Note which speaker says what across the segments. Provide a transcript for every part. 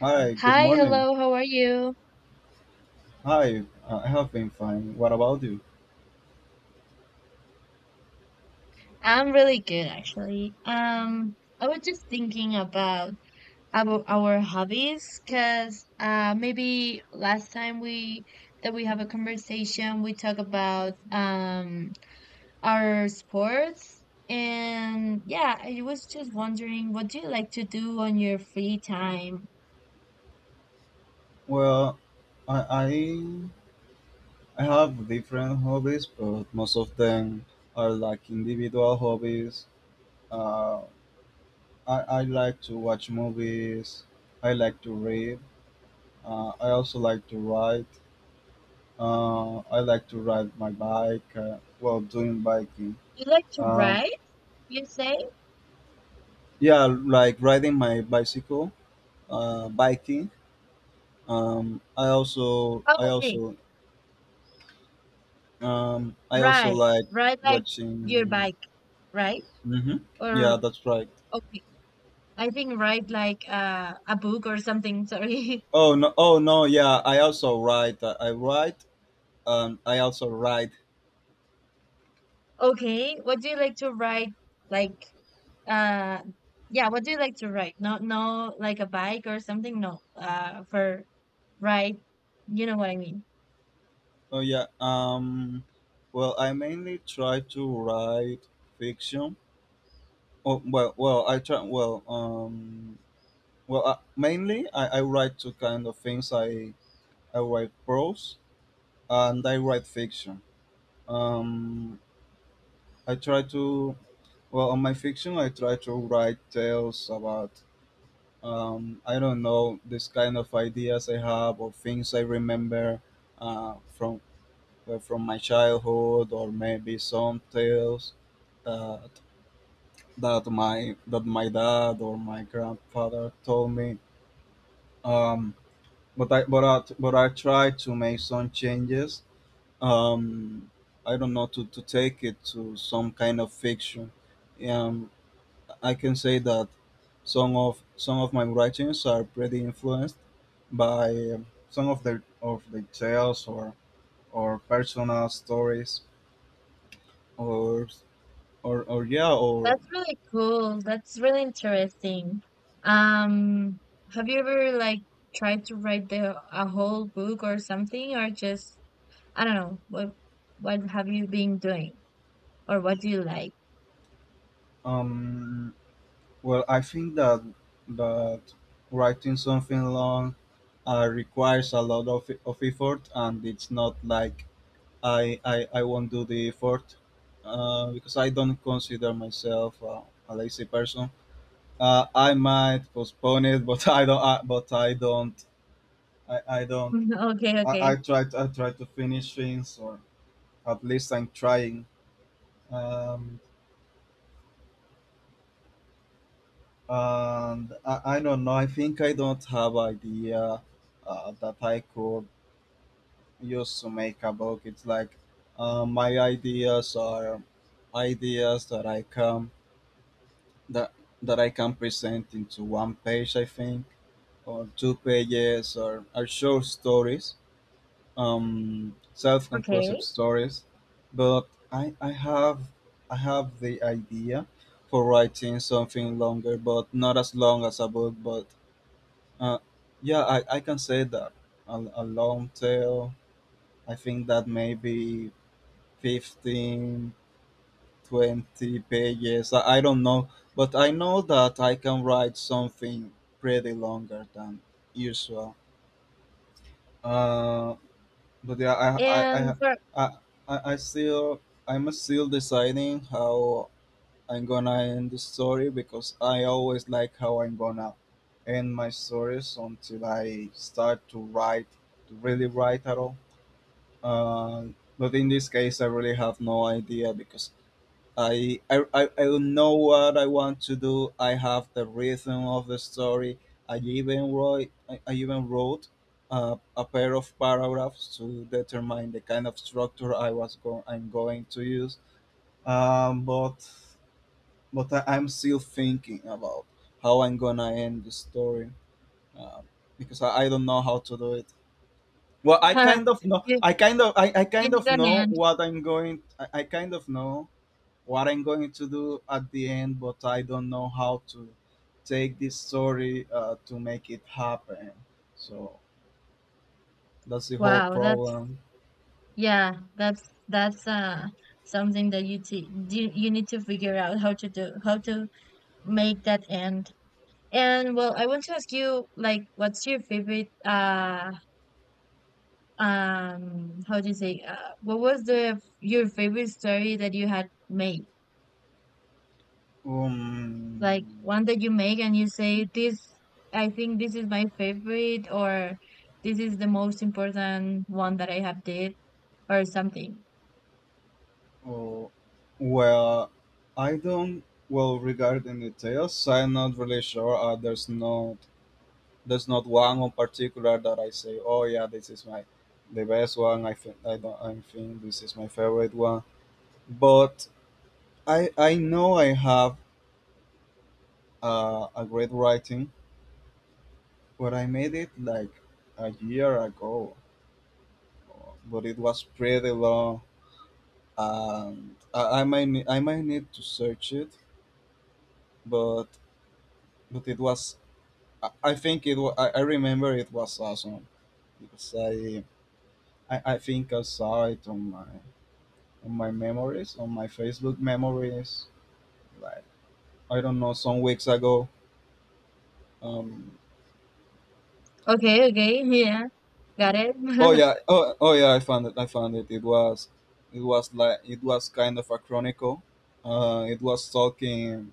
Speaker 1: Hi, good
Speaker 2: Hi,
Speaker 1: morning.
Speaker 2: hello, how are you?
Speaker 1: Hi, I have been fine. What about you?
Speaker 2: I'm really good actually. I was just thinking about our hobbies because maybe last time we that we have a conversation we talk about our sports and yeah, I was just wondering what do you like to do on your free time?
Speaker 1: Well, I I, I have different hobbies, but most of them are like individual hobbies. Uh, I like to watch movies. I like to read. I also like to write. I like to ride my bike while doing biking.
Speaker 2: You like to
Speaker 1: Um,
Speaker 2: ride, you say?
Speaker 1: yeah, like riding my bicycle, biking. Um, I also
Speaker 2: Oh,
Speaker 1: I
Speaker 2: okay.
Speaker 1: also I also
Speaker 2: Ride.
Speaker 1: like
Speaker 2: Ride like your
Speaker 1: watching.
Speaker 2: bike, right?
Speaker 1: Hmm, yeah,
Speaker 2: Or
Speaker 1: that's right.
Speaker 2: okay. I think write like a book or something. Sorry.
Speaker 1: Oh no! Oh no! Yeah, I also write. I write. I also write.
Speaker 2: Okay. What do you like to write? Like uh yeah, what do you like to write? No no like a bike or something? No. For write you know what I mean.
Speaker 1: Oh yeah. Well, I mainly try to write fiction. Oh well, well, I try. Mainly I write two kind of things. I write prose and I write fiction. Um, I try to. Well, on my fiction, I try to write tales about I don't know this kind of ideas I have or things I remember uh, from from my childhood or maybe some tales that that my dad or my grandfather told me. Um, but I try to make some changes. Um, I don't know to take it to some kind of fiction. Um, I can say that some of my writings are pretty influenced by some of the tales or personal stories or or yeah or
Speaker 2: That's really cool. That's really interesting. Um have you ever like tried to write the a whole book or something or just I don't know, what have you been doing or what do you like?
Speaker 1: um well, I think that that writing something long requires a lot of effort, and it's not like I won't do the effort because I don't consider myself a lazy person. I might postpone it, but I don't. I, I don't.
Speaker 2: Okay,
Speaker 1: I
Speaker 2: okay.
Speaker 1: try. I try to finish things, or at least I'm trying. Um, and I don't know. I think I don't have idea that I could use to make a book. It's like my ideas are ideas that I can that that I can present into one page. I think, or two pages, or short stories, self-conclusive
Speaker 2: Okay.
Speaker 1: stories, but I have the idea for writing something longer, but not as long as a book. But uh, yeah, I can say that a long tale. I think that maybe 15, 20 pages. I don't know, but I know that I can write something pretty longer than usual. Uh, But yeah,
Speaker 2: And for
Speaker 1: I I still I'm still deciding how I'm gonna end the story because I always like how I'm gonna end my stories until I start to write to really write at all. Uh, but in this case, I really have no idea because I know what I want to do. I have the rhythm of the story. I even wrote a pair of paragraphs to determine the kind of structure I'm going to use. Um, but I'm still thinking about how I'm gonna end the story. Um, because I don't know how to do it. Well, I kind of know.
Speaker 2: you,
Speaker 1: I
Speaker 2: you
Speaker 1: kind
Speaker 2: need
Speaker 1: of
Speaker 2: an
Speaker 1: know
Speaker 2: end.
Speaker 1: what I'm going. I kind of know what I'm going to do at the end, but I don't know how to take this story to make it happen. So that's the whole
Speaker 2: Wow, that's
Speaker 1: problem.
Speaker 2: yeah, that's something that you, you need to figure out how to do how to make that end. And well, I want to ask you like what's your favorite how do you say what was the your favorite story that you had made? Like
Speaker 1: Um,
Speaker 2: one that you make and you say, This, I think this is my favorite, or this is the most important one that I have did, or something.
Speaker 1: oh, well, I don't. Well, regarding the tales, I'm not really sure. There's not one in particular that I say, oh yeah, this is my the best one. I think I don't. I think this is my favorite one. But I know I have a great writing, but I made it like a year ago, but it was pretty long. And I might ne- I might need to search it, but but it was I think it was, I remember it was awesome because I think I saw it on my memories on my Facebook memories like I don't know some weeks ago. Um,
Speaker 2: Okay, okay, yeah, got it.
Speaker 1: Oh yeah, yeah, I found it. I found it. It was like it was kind of a chronicle. It was talking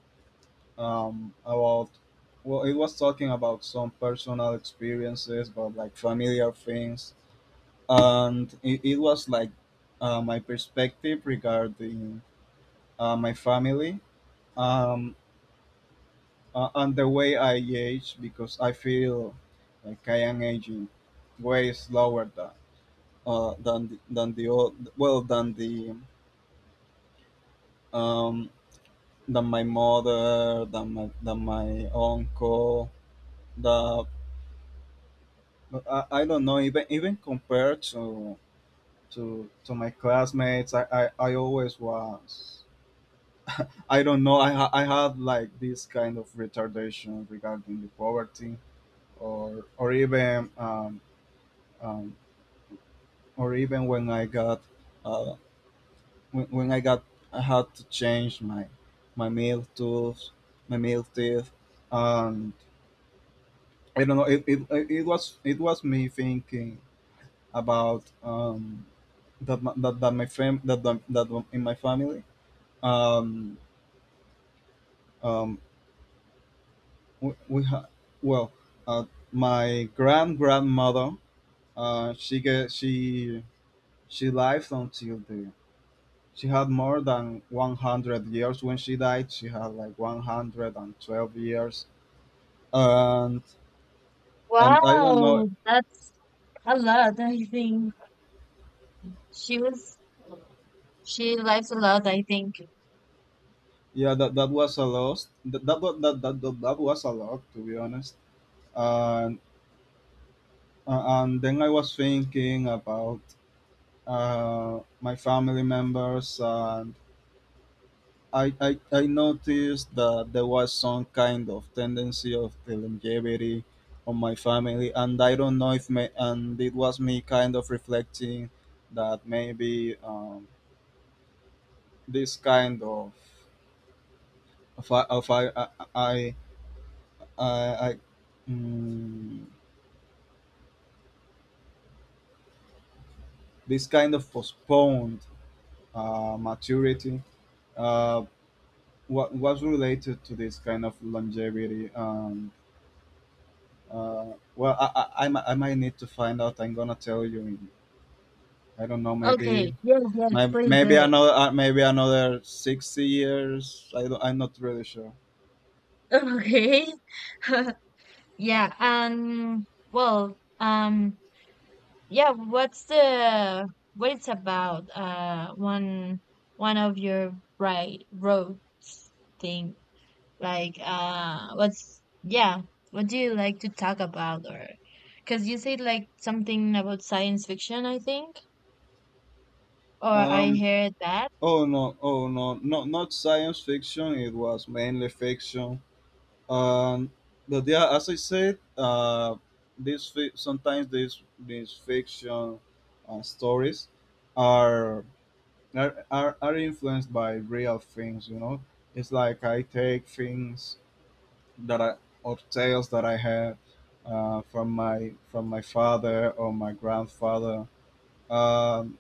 Speaker 1: um, about it was talking about some personal experiences, but like familiar things, and it was like my perspective regarding my family, um, and the way I age because I feel like I am aging way slower than the old well than the um, than my mother than my uncle the I don't know, even compared to to my classmates, I always was, I don't know, I had like this kind of retardation regarding the poverty, or even um, or even when I got uh, when I got, I had to change my meal tools, my meal teeth, and I don't know. It was, it was me thinking about that, my- that that my fam that, that that in my family, um, um, we ha- well uh, my grand grandmother uh, she ge- she she lived until the she had more than 100 years when she died, she had like 112 years, and and I don't know.
Speaker 2: Wow, that's a lot, I think. She was, she likes a lot, I think.
Speaker 1: Yeah, that that was a loss. That that wa- that that, that, that was a lot, to be honest. And and then I was thinking about my family members, and I noticed that there was some kind of tendency of the longevity on my family, and I don't know if me, and it was me kind of reflecting that maybe this kind of of I, of I, I I, I mm, this kind of postponed maturity uh, what was related to this kind of longevity. Well, I might need to find out. I'm gonna tell you. In, I don't know. Maybe
Speaker 2: Okay, yes, yes, please do it.
Speaker 1: another maybe another 60 years. I don't, I'm not really sure.
Speaker 2: Okay. Yeah, and well, yeah, what's the what it's about? One of your right roads thing. Like, what's yeah? What do you like to talk about? Or because you said like something about science fiction, I think, or I
Speaker 1: Um.
Speaker 2: heard that.
Speaker 1: Oh no. Oh no. Not not science fiction. It was mainly fiction. Um, but yeah, as I said, sometimes these fiction stories are, are influenced by real things. You know, it's like I take things that I or tales that I have from my father or my grandfather, um,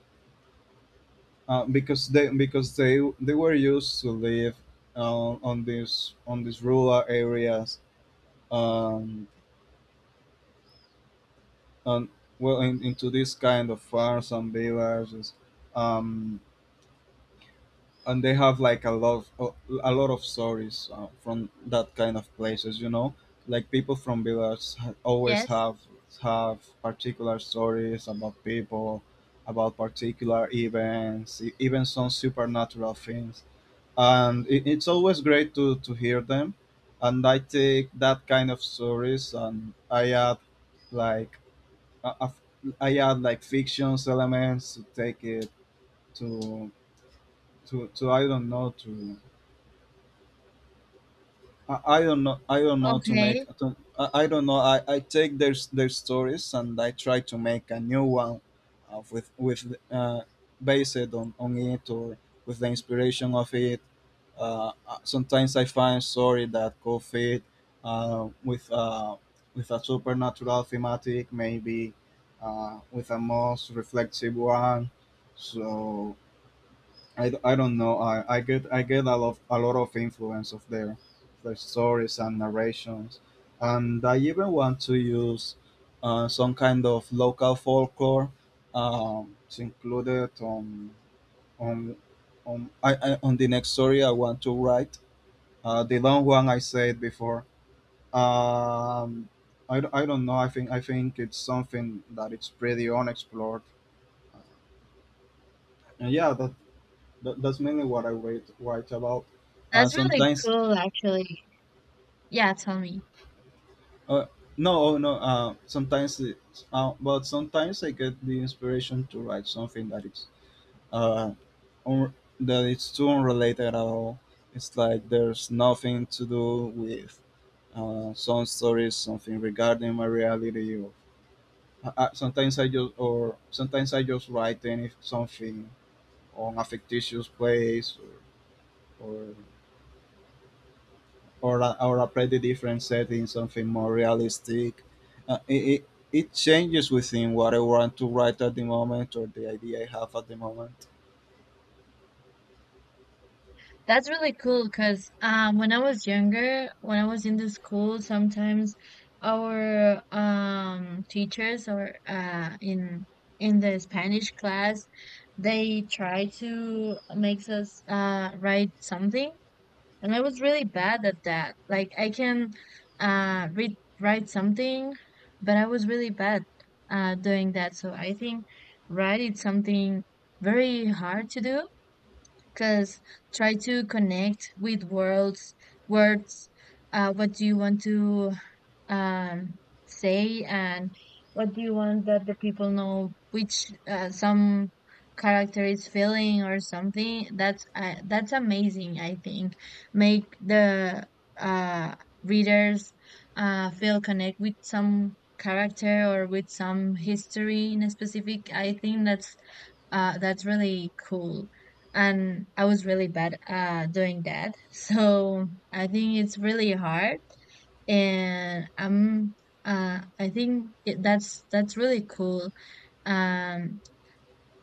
Speaker 1: because they they were used to live on these rural areas. Um, and well in, into this kind of farms and villages, um and they have like a lot of stories from that kind of places, you know, like people from villages ha- always
Speaker 2: Yes.
Speaker 1: have particular stories about people, about particular events, e- even some supernatural things, and it's always great to hear them, and I take that kind of stories and I add like I, I f- I add like fictions elements to take it to I don't know to I don't know. I don't know to make.
Speaker 2: Okay,
Speaker 1: I don't know. I take their stories and I try to make a new one, with based on it, or with the inspiration of it. Sometimes I find story that go fit uh, with uh, with a supernatural thematic, maybe with a most reflective one. So I don't know. I get a lot of influence of their stories and narrations, and I even want to use some kind of local folklore to include on on on the next story I want to write. The long one I said before. Um, I don't know. I think it's something that it's pretty unexplored. And yeah, that's mainly what I write about.
Speaker 2: that's really
Speaker 1: Sometimes
Speaker 2: cool, actually. Yeah, tell me.
Speaker 1: Uh, no, oh, no. Sometimes, but sometimes I get the inspiration to write something that is uh un- that it's too unrelated at all. It's like there's nothing to do with some stories, something regarding my reality. Or sometimes I just, or sometimes I just write any something on a fictitious place, or, or or apply the different settings, something more realistic. It it changes within what I want to write at the moment, or the idea I have at the moment.
Speaker 2: That's really cool because when I was younger, when I was in the school, sometimes our teachers or in the Spanish class, they try to makes us write something, and I was really bad at that. Like I can read write something, but I was really bad doing that. So I think write is something very hard to do because try to connect with words what do you want to um, say and what do you want that the people know which some character is feeling or something that's amazing I think make the uh, readers feel connect with some character or with some history in a specific I think that's really cool and I was really bad at doing that. So I think it's really hard, and I'm I think that's really cool. Um,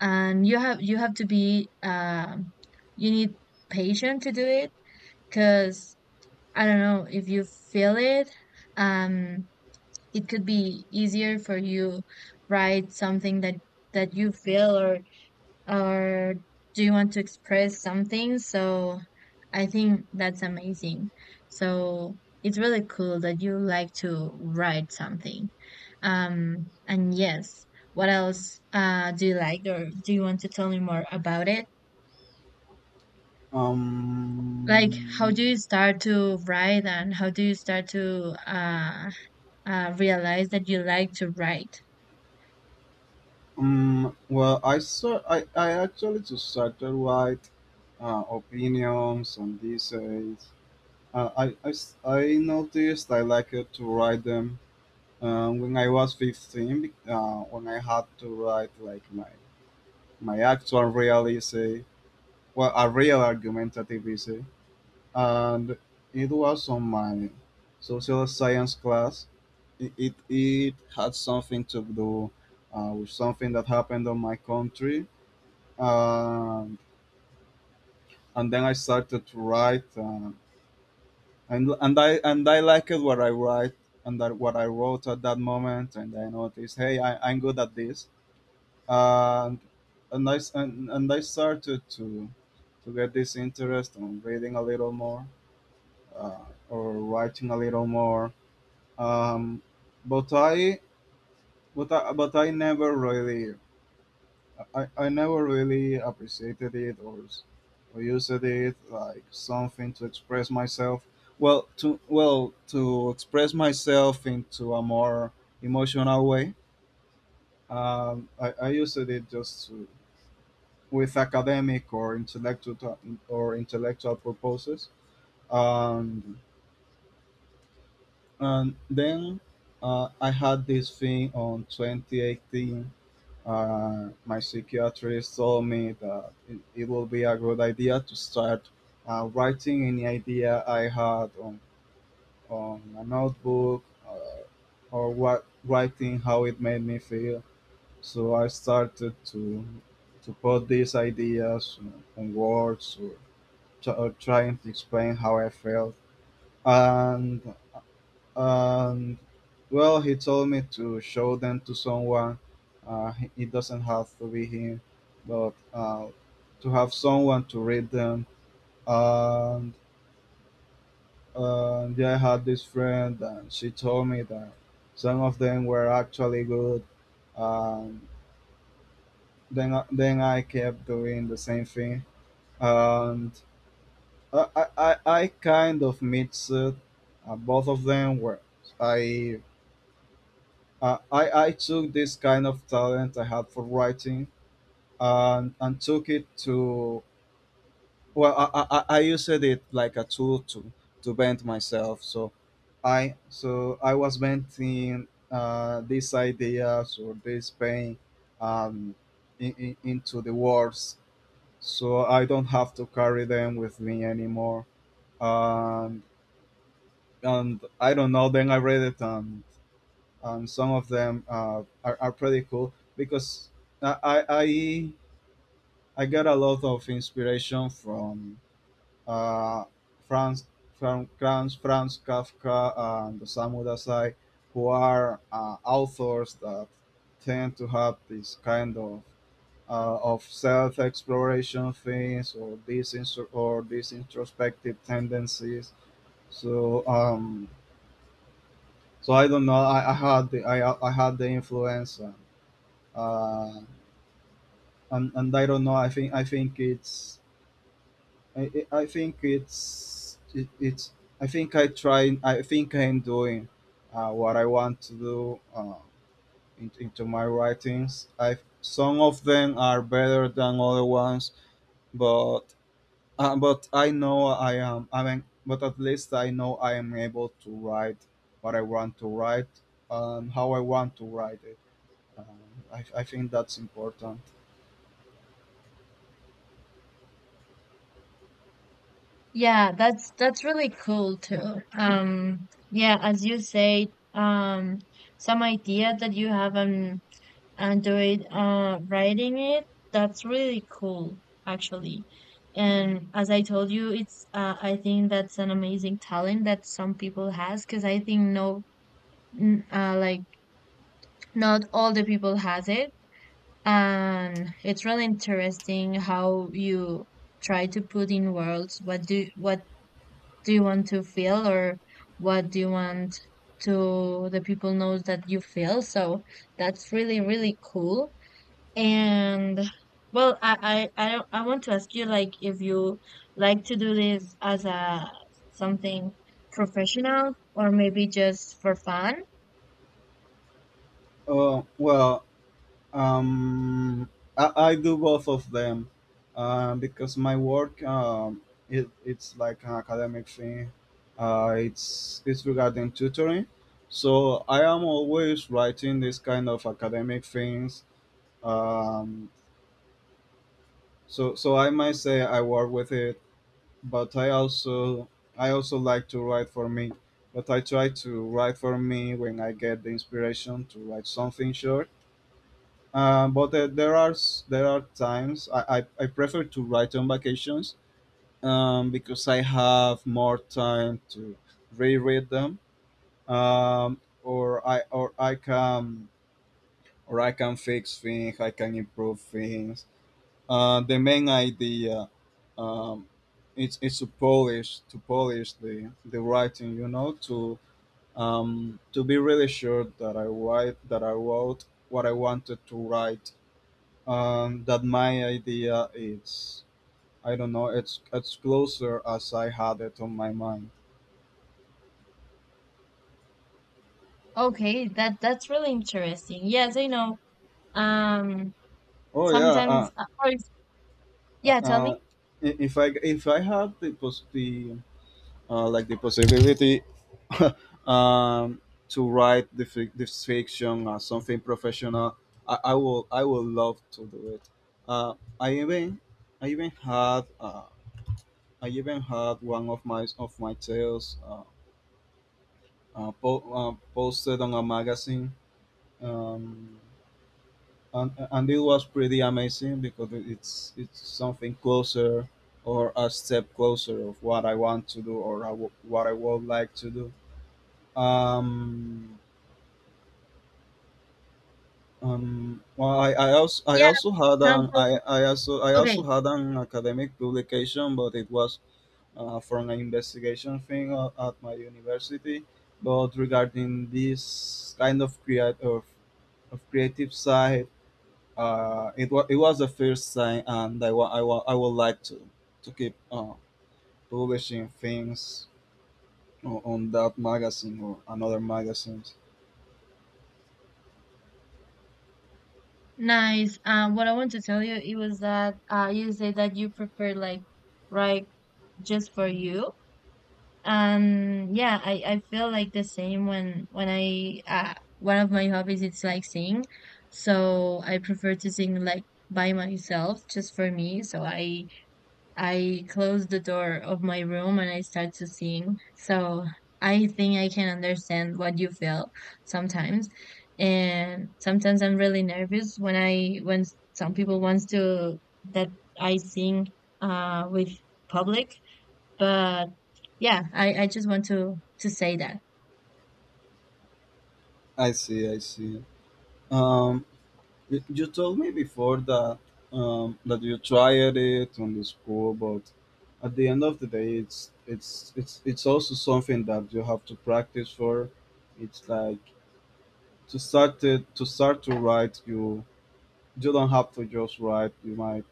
Speaker 2: and you have to be you need patient to do it because I don't know if you feel it. Um, it could be easier for you write something that you feel or do you want to express something? So I think that's amazing. So it's really cool that you like to write something. And yes, what else do you like, or do you want to tell me more about it? Like, how do
Speaker 1: Um,
Speaker 2: you start to write, and how do you start to realize that you like to write?
Speaker 1: well, I saw I actually just started write opinions and essays. I noticed I liked to write them when I was 15, when I had to write like my actual real essay, well, a real argumentative essay, and it was on my social science class. It had something to do with something that happened on my country, um, and then I started to write, and I liked what I write and that what I wrote at that moment, and I noticed, hey, I'm good at this, and and I started to get this interest on reading a little more uh, or writing a little more. Um, but I but I never really I never really appreciated it or used it like something to express myself. Well, to express myself into a more emotional way. I used it just to, with academic or intellectual purposes. Um, And then I had this thing on 2018. My psychiatrist told me that it would be a good idea to start writing any idea I had on a notebook or what writing how it made me feel. So I started to put these ideas on, words or, or trying to explain how I felt. And And well, he told me to show them to someone. It doesn't have to be him, but to have someone to read them. And yeah, I had this friend, and she told me that some of them were actually good. Um, then I kept doing the same thing, and I kind of mixed it. Both of them were I I took this kind of talent I had for writing and took it to, well, I used it like a tool to bend myself. So I was bending these ideas or this pain um, into the words. So I don't have to carry them with me anymore. Um, and I don't know, then I read it and some of them are pretty cool because I get a lot of inspiration from uh, Franz from Franz Franz Kafka and Osamu Dazai, who are authors that tend to have this kind of self exploration things or these introspective tendencies. So so I don't know. I had the influence. Uh, and I don't know. I think it's I think it's I think I try. I think I'm doing what I want to do into my writings. I Some of them are better than other ones, but I know I am. I mean, but at least I know I am able to write what I want to write and how I want to write it. Um, I think that's important.
Speaker 2: Yeah, that's really cool too. Yeah, as you say, um, some idea that you have on Android, writing it, that's really cool, actually. And as I told you, it's I think that's an amazing talent that some people has, because I think no, like not all the people has it, and it's really interesting how you try to put in words what do you want to feel or what do you want to the people knows that you feel so that's really really cool and well I, don't- I want to ask you like if you like to do this as a something professional or maybe just for fun
Speaker 1: Uh, well, Um, I do both of them because my work it's like an academic thing. It's regarding tutoring, so I am always writing this kind of academic things. Um, so I might say I work with it, but I also like to write for me. But I try to write for me when I get the inspiration to write something short. But there are s- there are times I prefer to write on vacations because I have more time to reread them, or I can fix things. I can improve things. The main idea, um, it's to polish, the writing, you know, to be really sure that I write that I wrote what I wanted to write, that my idea is. I don't know. It's closer as I had it on my mind.
Speaker 2: okay that that's really interesting yes I know um
Speaker 1: Oh yeah.
Speaker 2: sometimes
Speaker 1: Uh,
Speaker 2: yeah tell
Speaker 1: uh,
Speaker 2: me
Speaker 1: if I had the possibility um, to write this fiction or something professional, I will love to do it. Uh, I even I even had uh, I even had one of my tales posted on a magazine, um, and it was pretty amazing because it's something closer or a step closer of what I want to do or what I would like to do. Um, I
Speaker 2: yeah
Speaker 1: also
Speaker 2: for
Speaker 1: had an
Speaker 2: example
Speaker 1: I also
Speaker 2: okay
Speaker 1: had an academic publication, but it was from an investigation thing at my university. But regarding this kind of creative side, it was the first sign, and I would like to keep publishing things on that magazine or another magazines.
Speaker 2: Nice. What I want to tell you it was that you say that you prefer like right just for you. And yeah, I feel like the same when I one of my hobbies it's like sing. So I prefer to sing like by myself, just for me. So I closed the door of my room and I started to sing. So I think I can understand what you feel sometimes. And sometimes I'm really nervous when some people wants to that I sing with public. But yeah, I just want to say that.
Speaker 1: I see, I see. Um, you told me before that that you tried it on the school, but at the end of the day, it's also something that you have to practice for. It's like to start to write, you don't have to just write.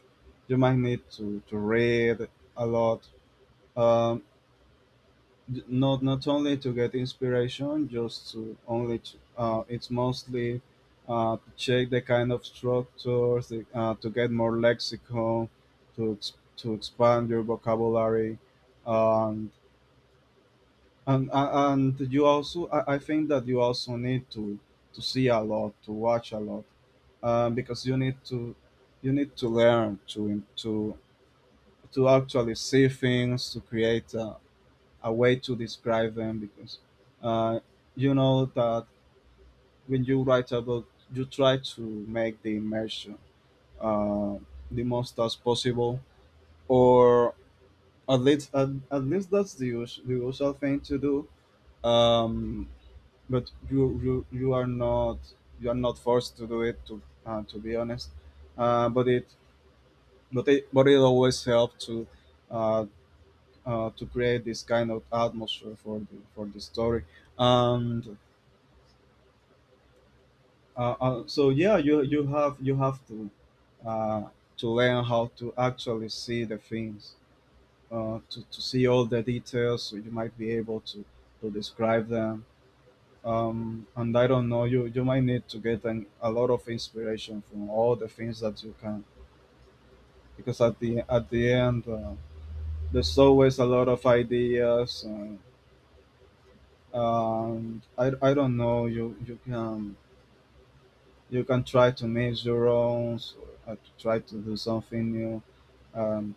Speaker 1: You might need to read a lot. Um, Not only to get inspiration, just to only to, it's mostly to check the kind of structures, to get more lexicon, to expand your vocabulary, and you also, I think that you also need to see a lot, to watch a lot. Because you need to learn to actually see things to create a way to describe them because uh, you know that when you write a book you try to make the immersion uh, the most as possible, or at least at least that's the usual thing to do, um, you are not forced to do it to be honest, uh, but it but it always helped uh, to create this kind of atmosphere for the story. And so yeah, you have uh, to learn how to actually see the things, to see all the details so you might be able to describe them. And I don't know, you might need to get a lot of inspiration from all the things that you can, because at the end there's always a lot of ideas. I don't know, you can try to make your own or to try to do something new. And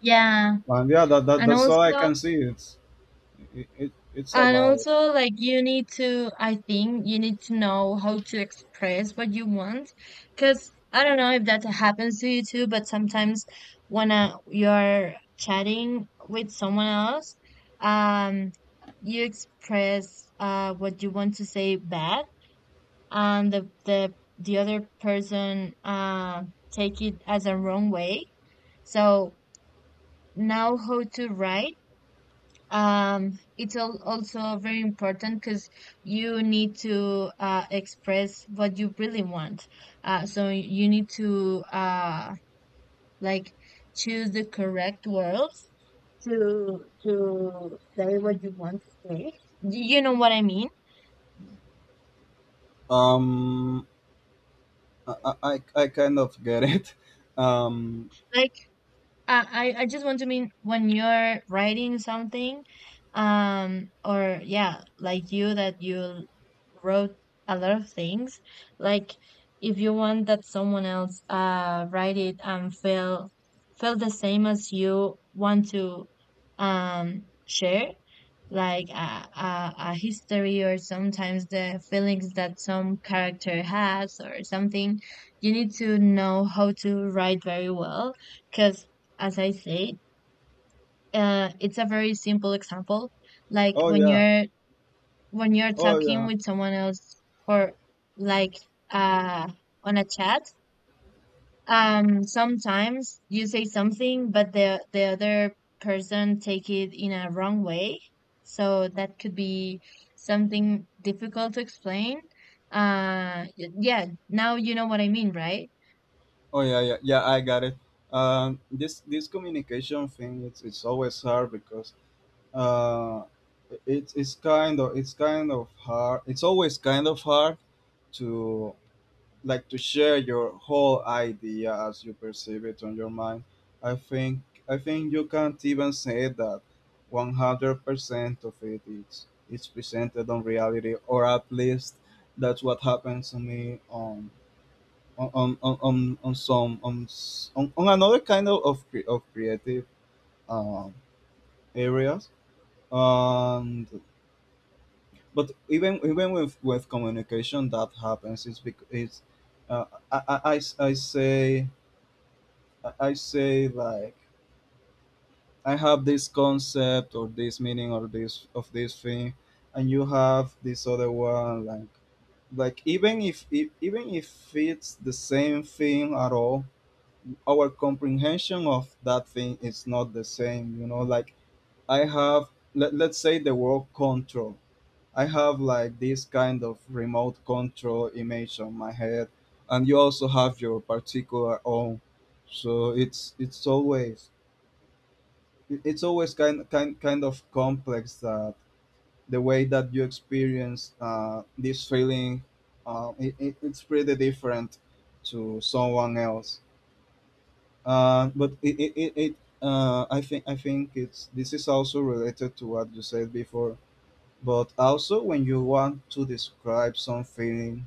Speaker 2: Yeah. And
Speaker 1: that's all I
Speaker 2: also
Speaker 1: can see. It it's
Speaker 2: and
Speaker 1: about
Speaker 2: also, like, you need to, I think you need to know how to express what you want. Because I don't know if that happens to you too, but sometimes when you're chatting with someone else, um, you express what you want to say bad, and the other person take it as a wrong way. So, know how to write it's also very important because you need to express what you really want so you need to like choose the correct words to say what you want to say you know what I mean
Speaker 1: um I kind of get it. um
Speaker 2: like I just want to mean when you're writing something, or yeah, like you that you wrote a lot of things. Like if you want that someone else write it and feel the same as you want to share, like a history or sometimes the feelings that some character has or something, you need to know how to write very well because as I say, it's a very simple example. Like
Speaker 1: oh yeah
Speaker 2: when you're
Speaker 1: oh
Speaker 2: talking
Speaker 1: yeah
Speaker 2: with someone else for like uh on a chat, sometimes you say something but the other person take it in a wrong way. So that could be something difficult to explain. Yeah, now you know what I mean, right?
Speaker 1: oh yeah, yeah, I got it. This communication thing, it's always hard because uh, it's kind of, it's kind of hard. it's always kind of hard to like to share your whole idea as you perceive it on your mind. I think I think you can't even say that 100% of it is presented on reality, or at least that's what happens to me on some on, s- on another kind of of creative um, areas. And but even with communication that happens, it's because it's uh, I say, like I have this concept or this meaning or this thing, and you have this other one, like even if e- even if it's the same thing at all, our comprehension of that thing is not the same, you know. Like, I have, let's say the word control. I have like this kind of remote control image on my head, and you also have your particular own. So it's always, it's always kind of complex that the way that you experience this feeling, it's pretty different to someone else. But it it, it, it I think it's, this is also related to what you said before, but also when you want to describe some feeling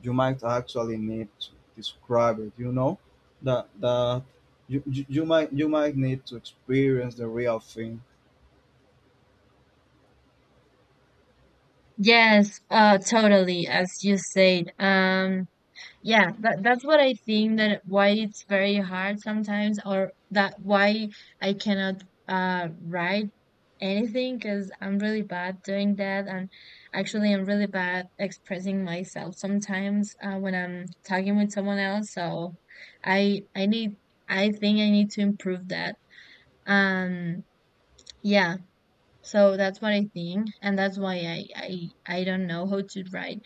Speaker 1: you might actually need to describe it, you know, that that you might need to experience the real thing.
Speaker 2: Yes, totally, as you said. Yeah, that that's what I think that why it's very hard sometimes, or that why I cannot write anything because I'm really bad doing that, and actually I'm really bad expressing myself sometimes when I'm talking with someone else. So I need I think I need to improve that. Um, yeah. So that's what I think, and that's why I don't know how to write.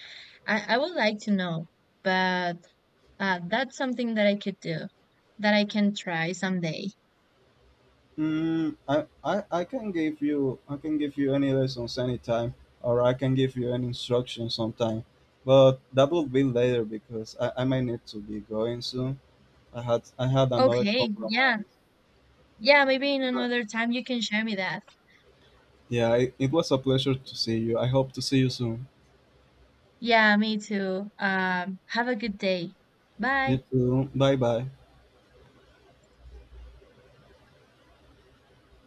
Speaker 2: I would like to know, but that's something that I could do, that I can try someday.
Speaker 1: I I can give you any lessons anytime, or I can give you any instruction sometime, but that will be later because I might need to be going soon. I had another
Speaker 2: Okay, yeah,
Speaker 1: compromise.
Speaker 2: yeah, maybe in another time you can share me that.
Speaker 1: Yeah, it was a pleasure to see you. I hope to see you soon.
Speaker 2: Yeah, me too. Have a good day.
Speaker 1: You
Speaker 2: Bye.
Speaker 1: too. Bye bye.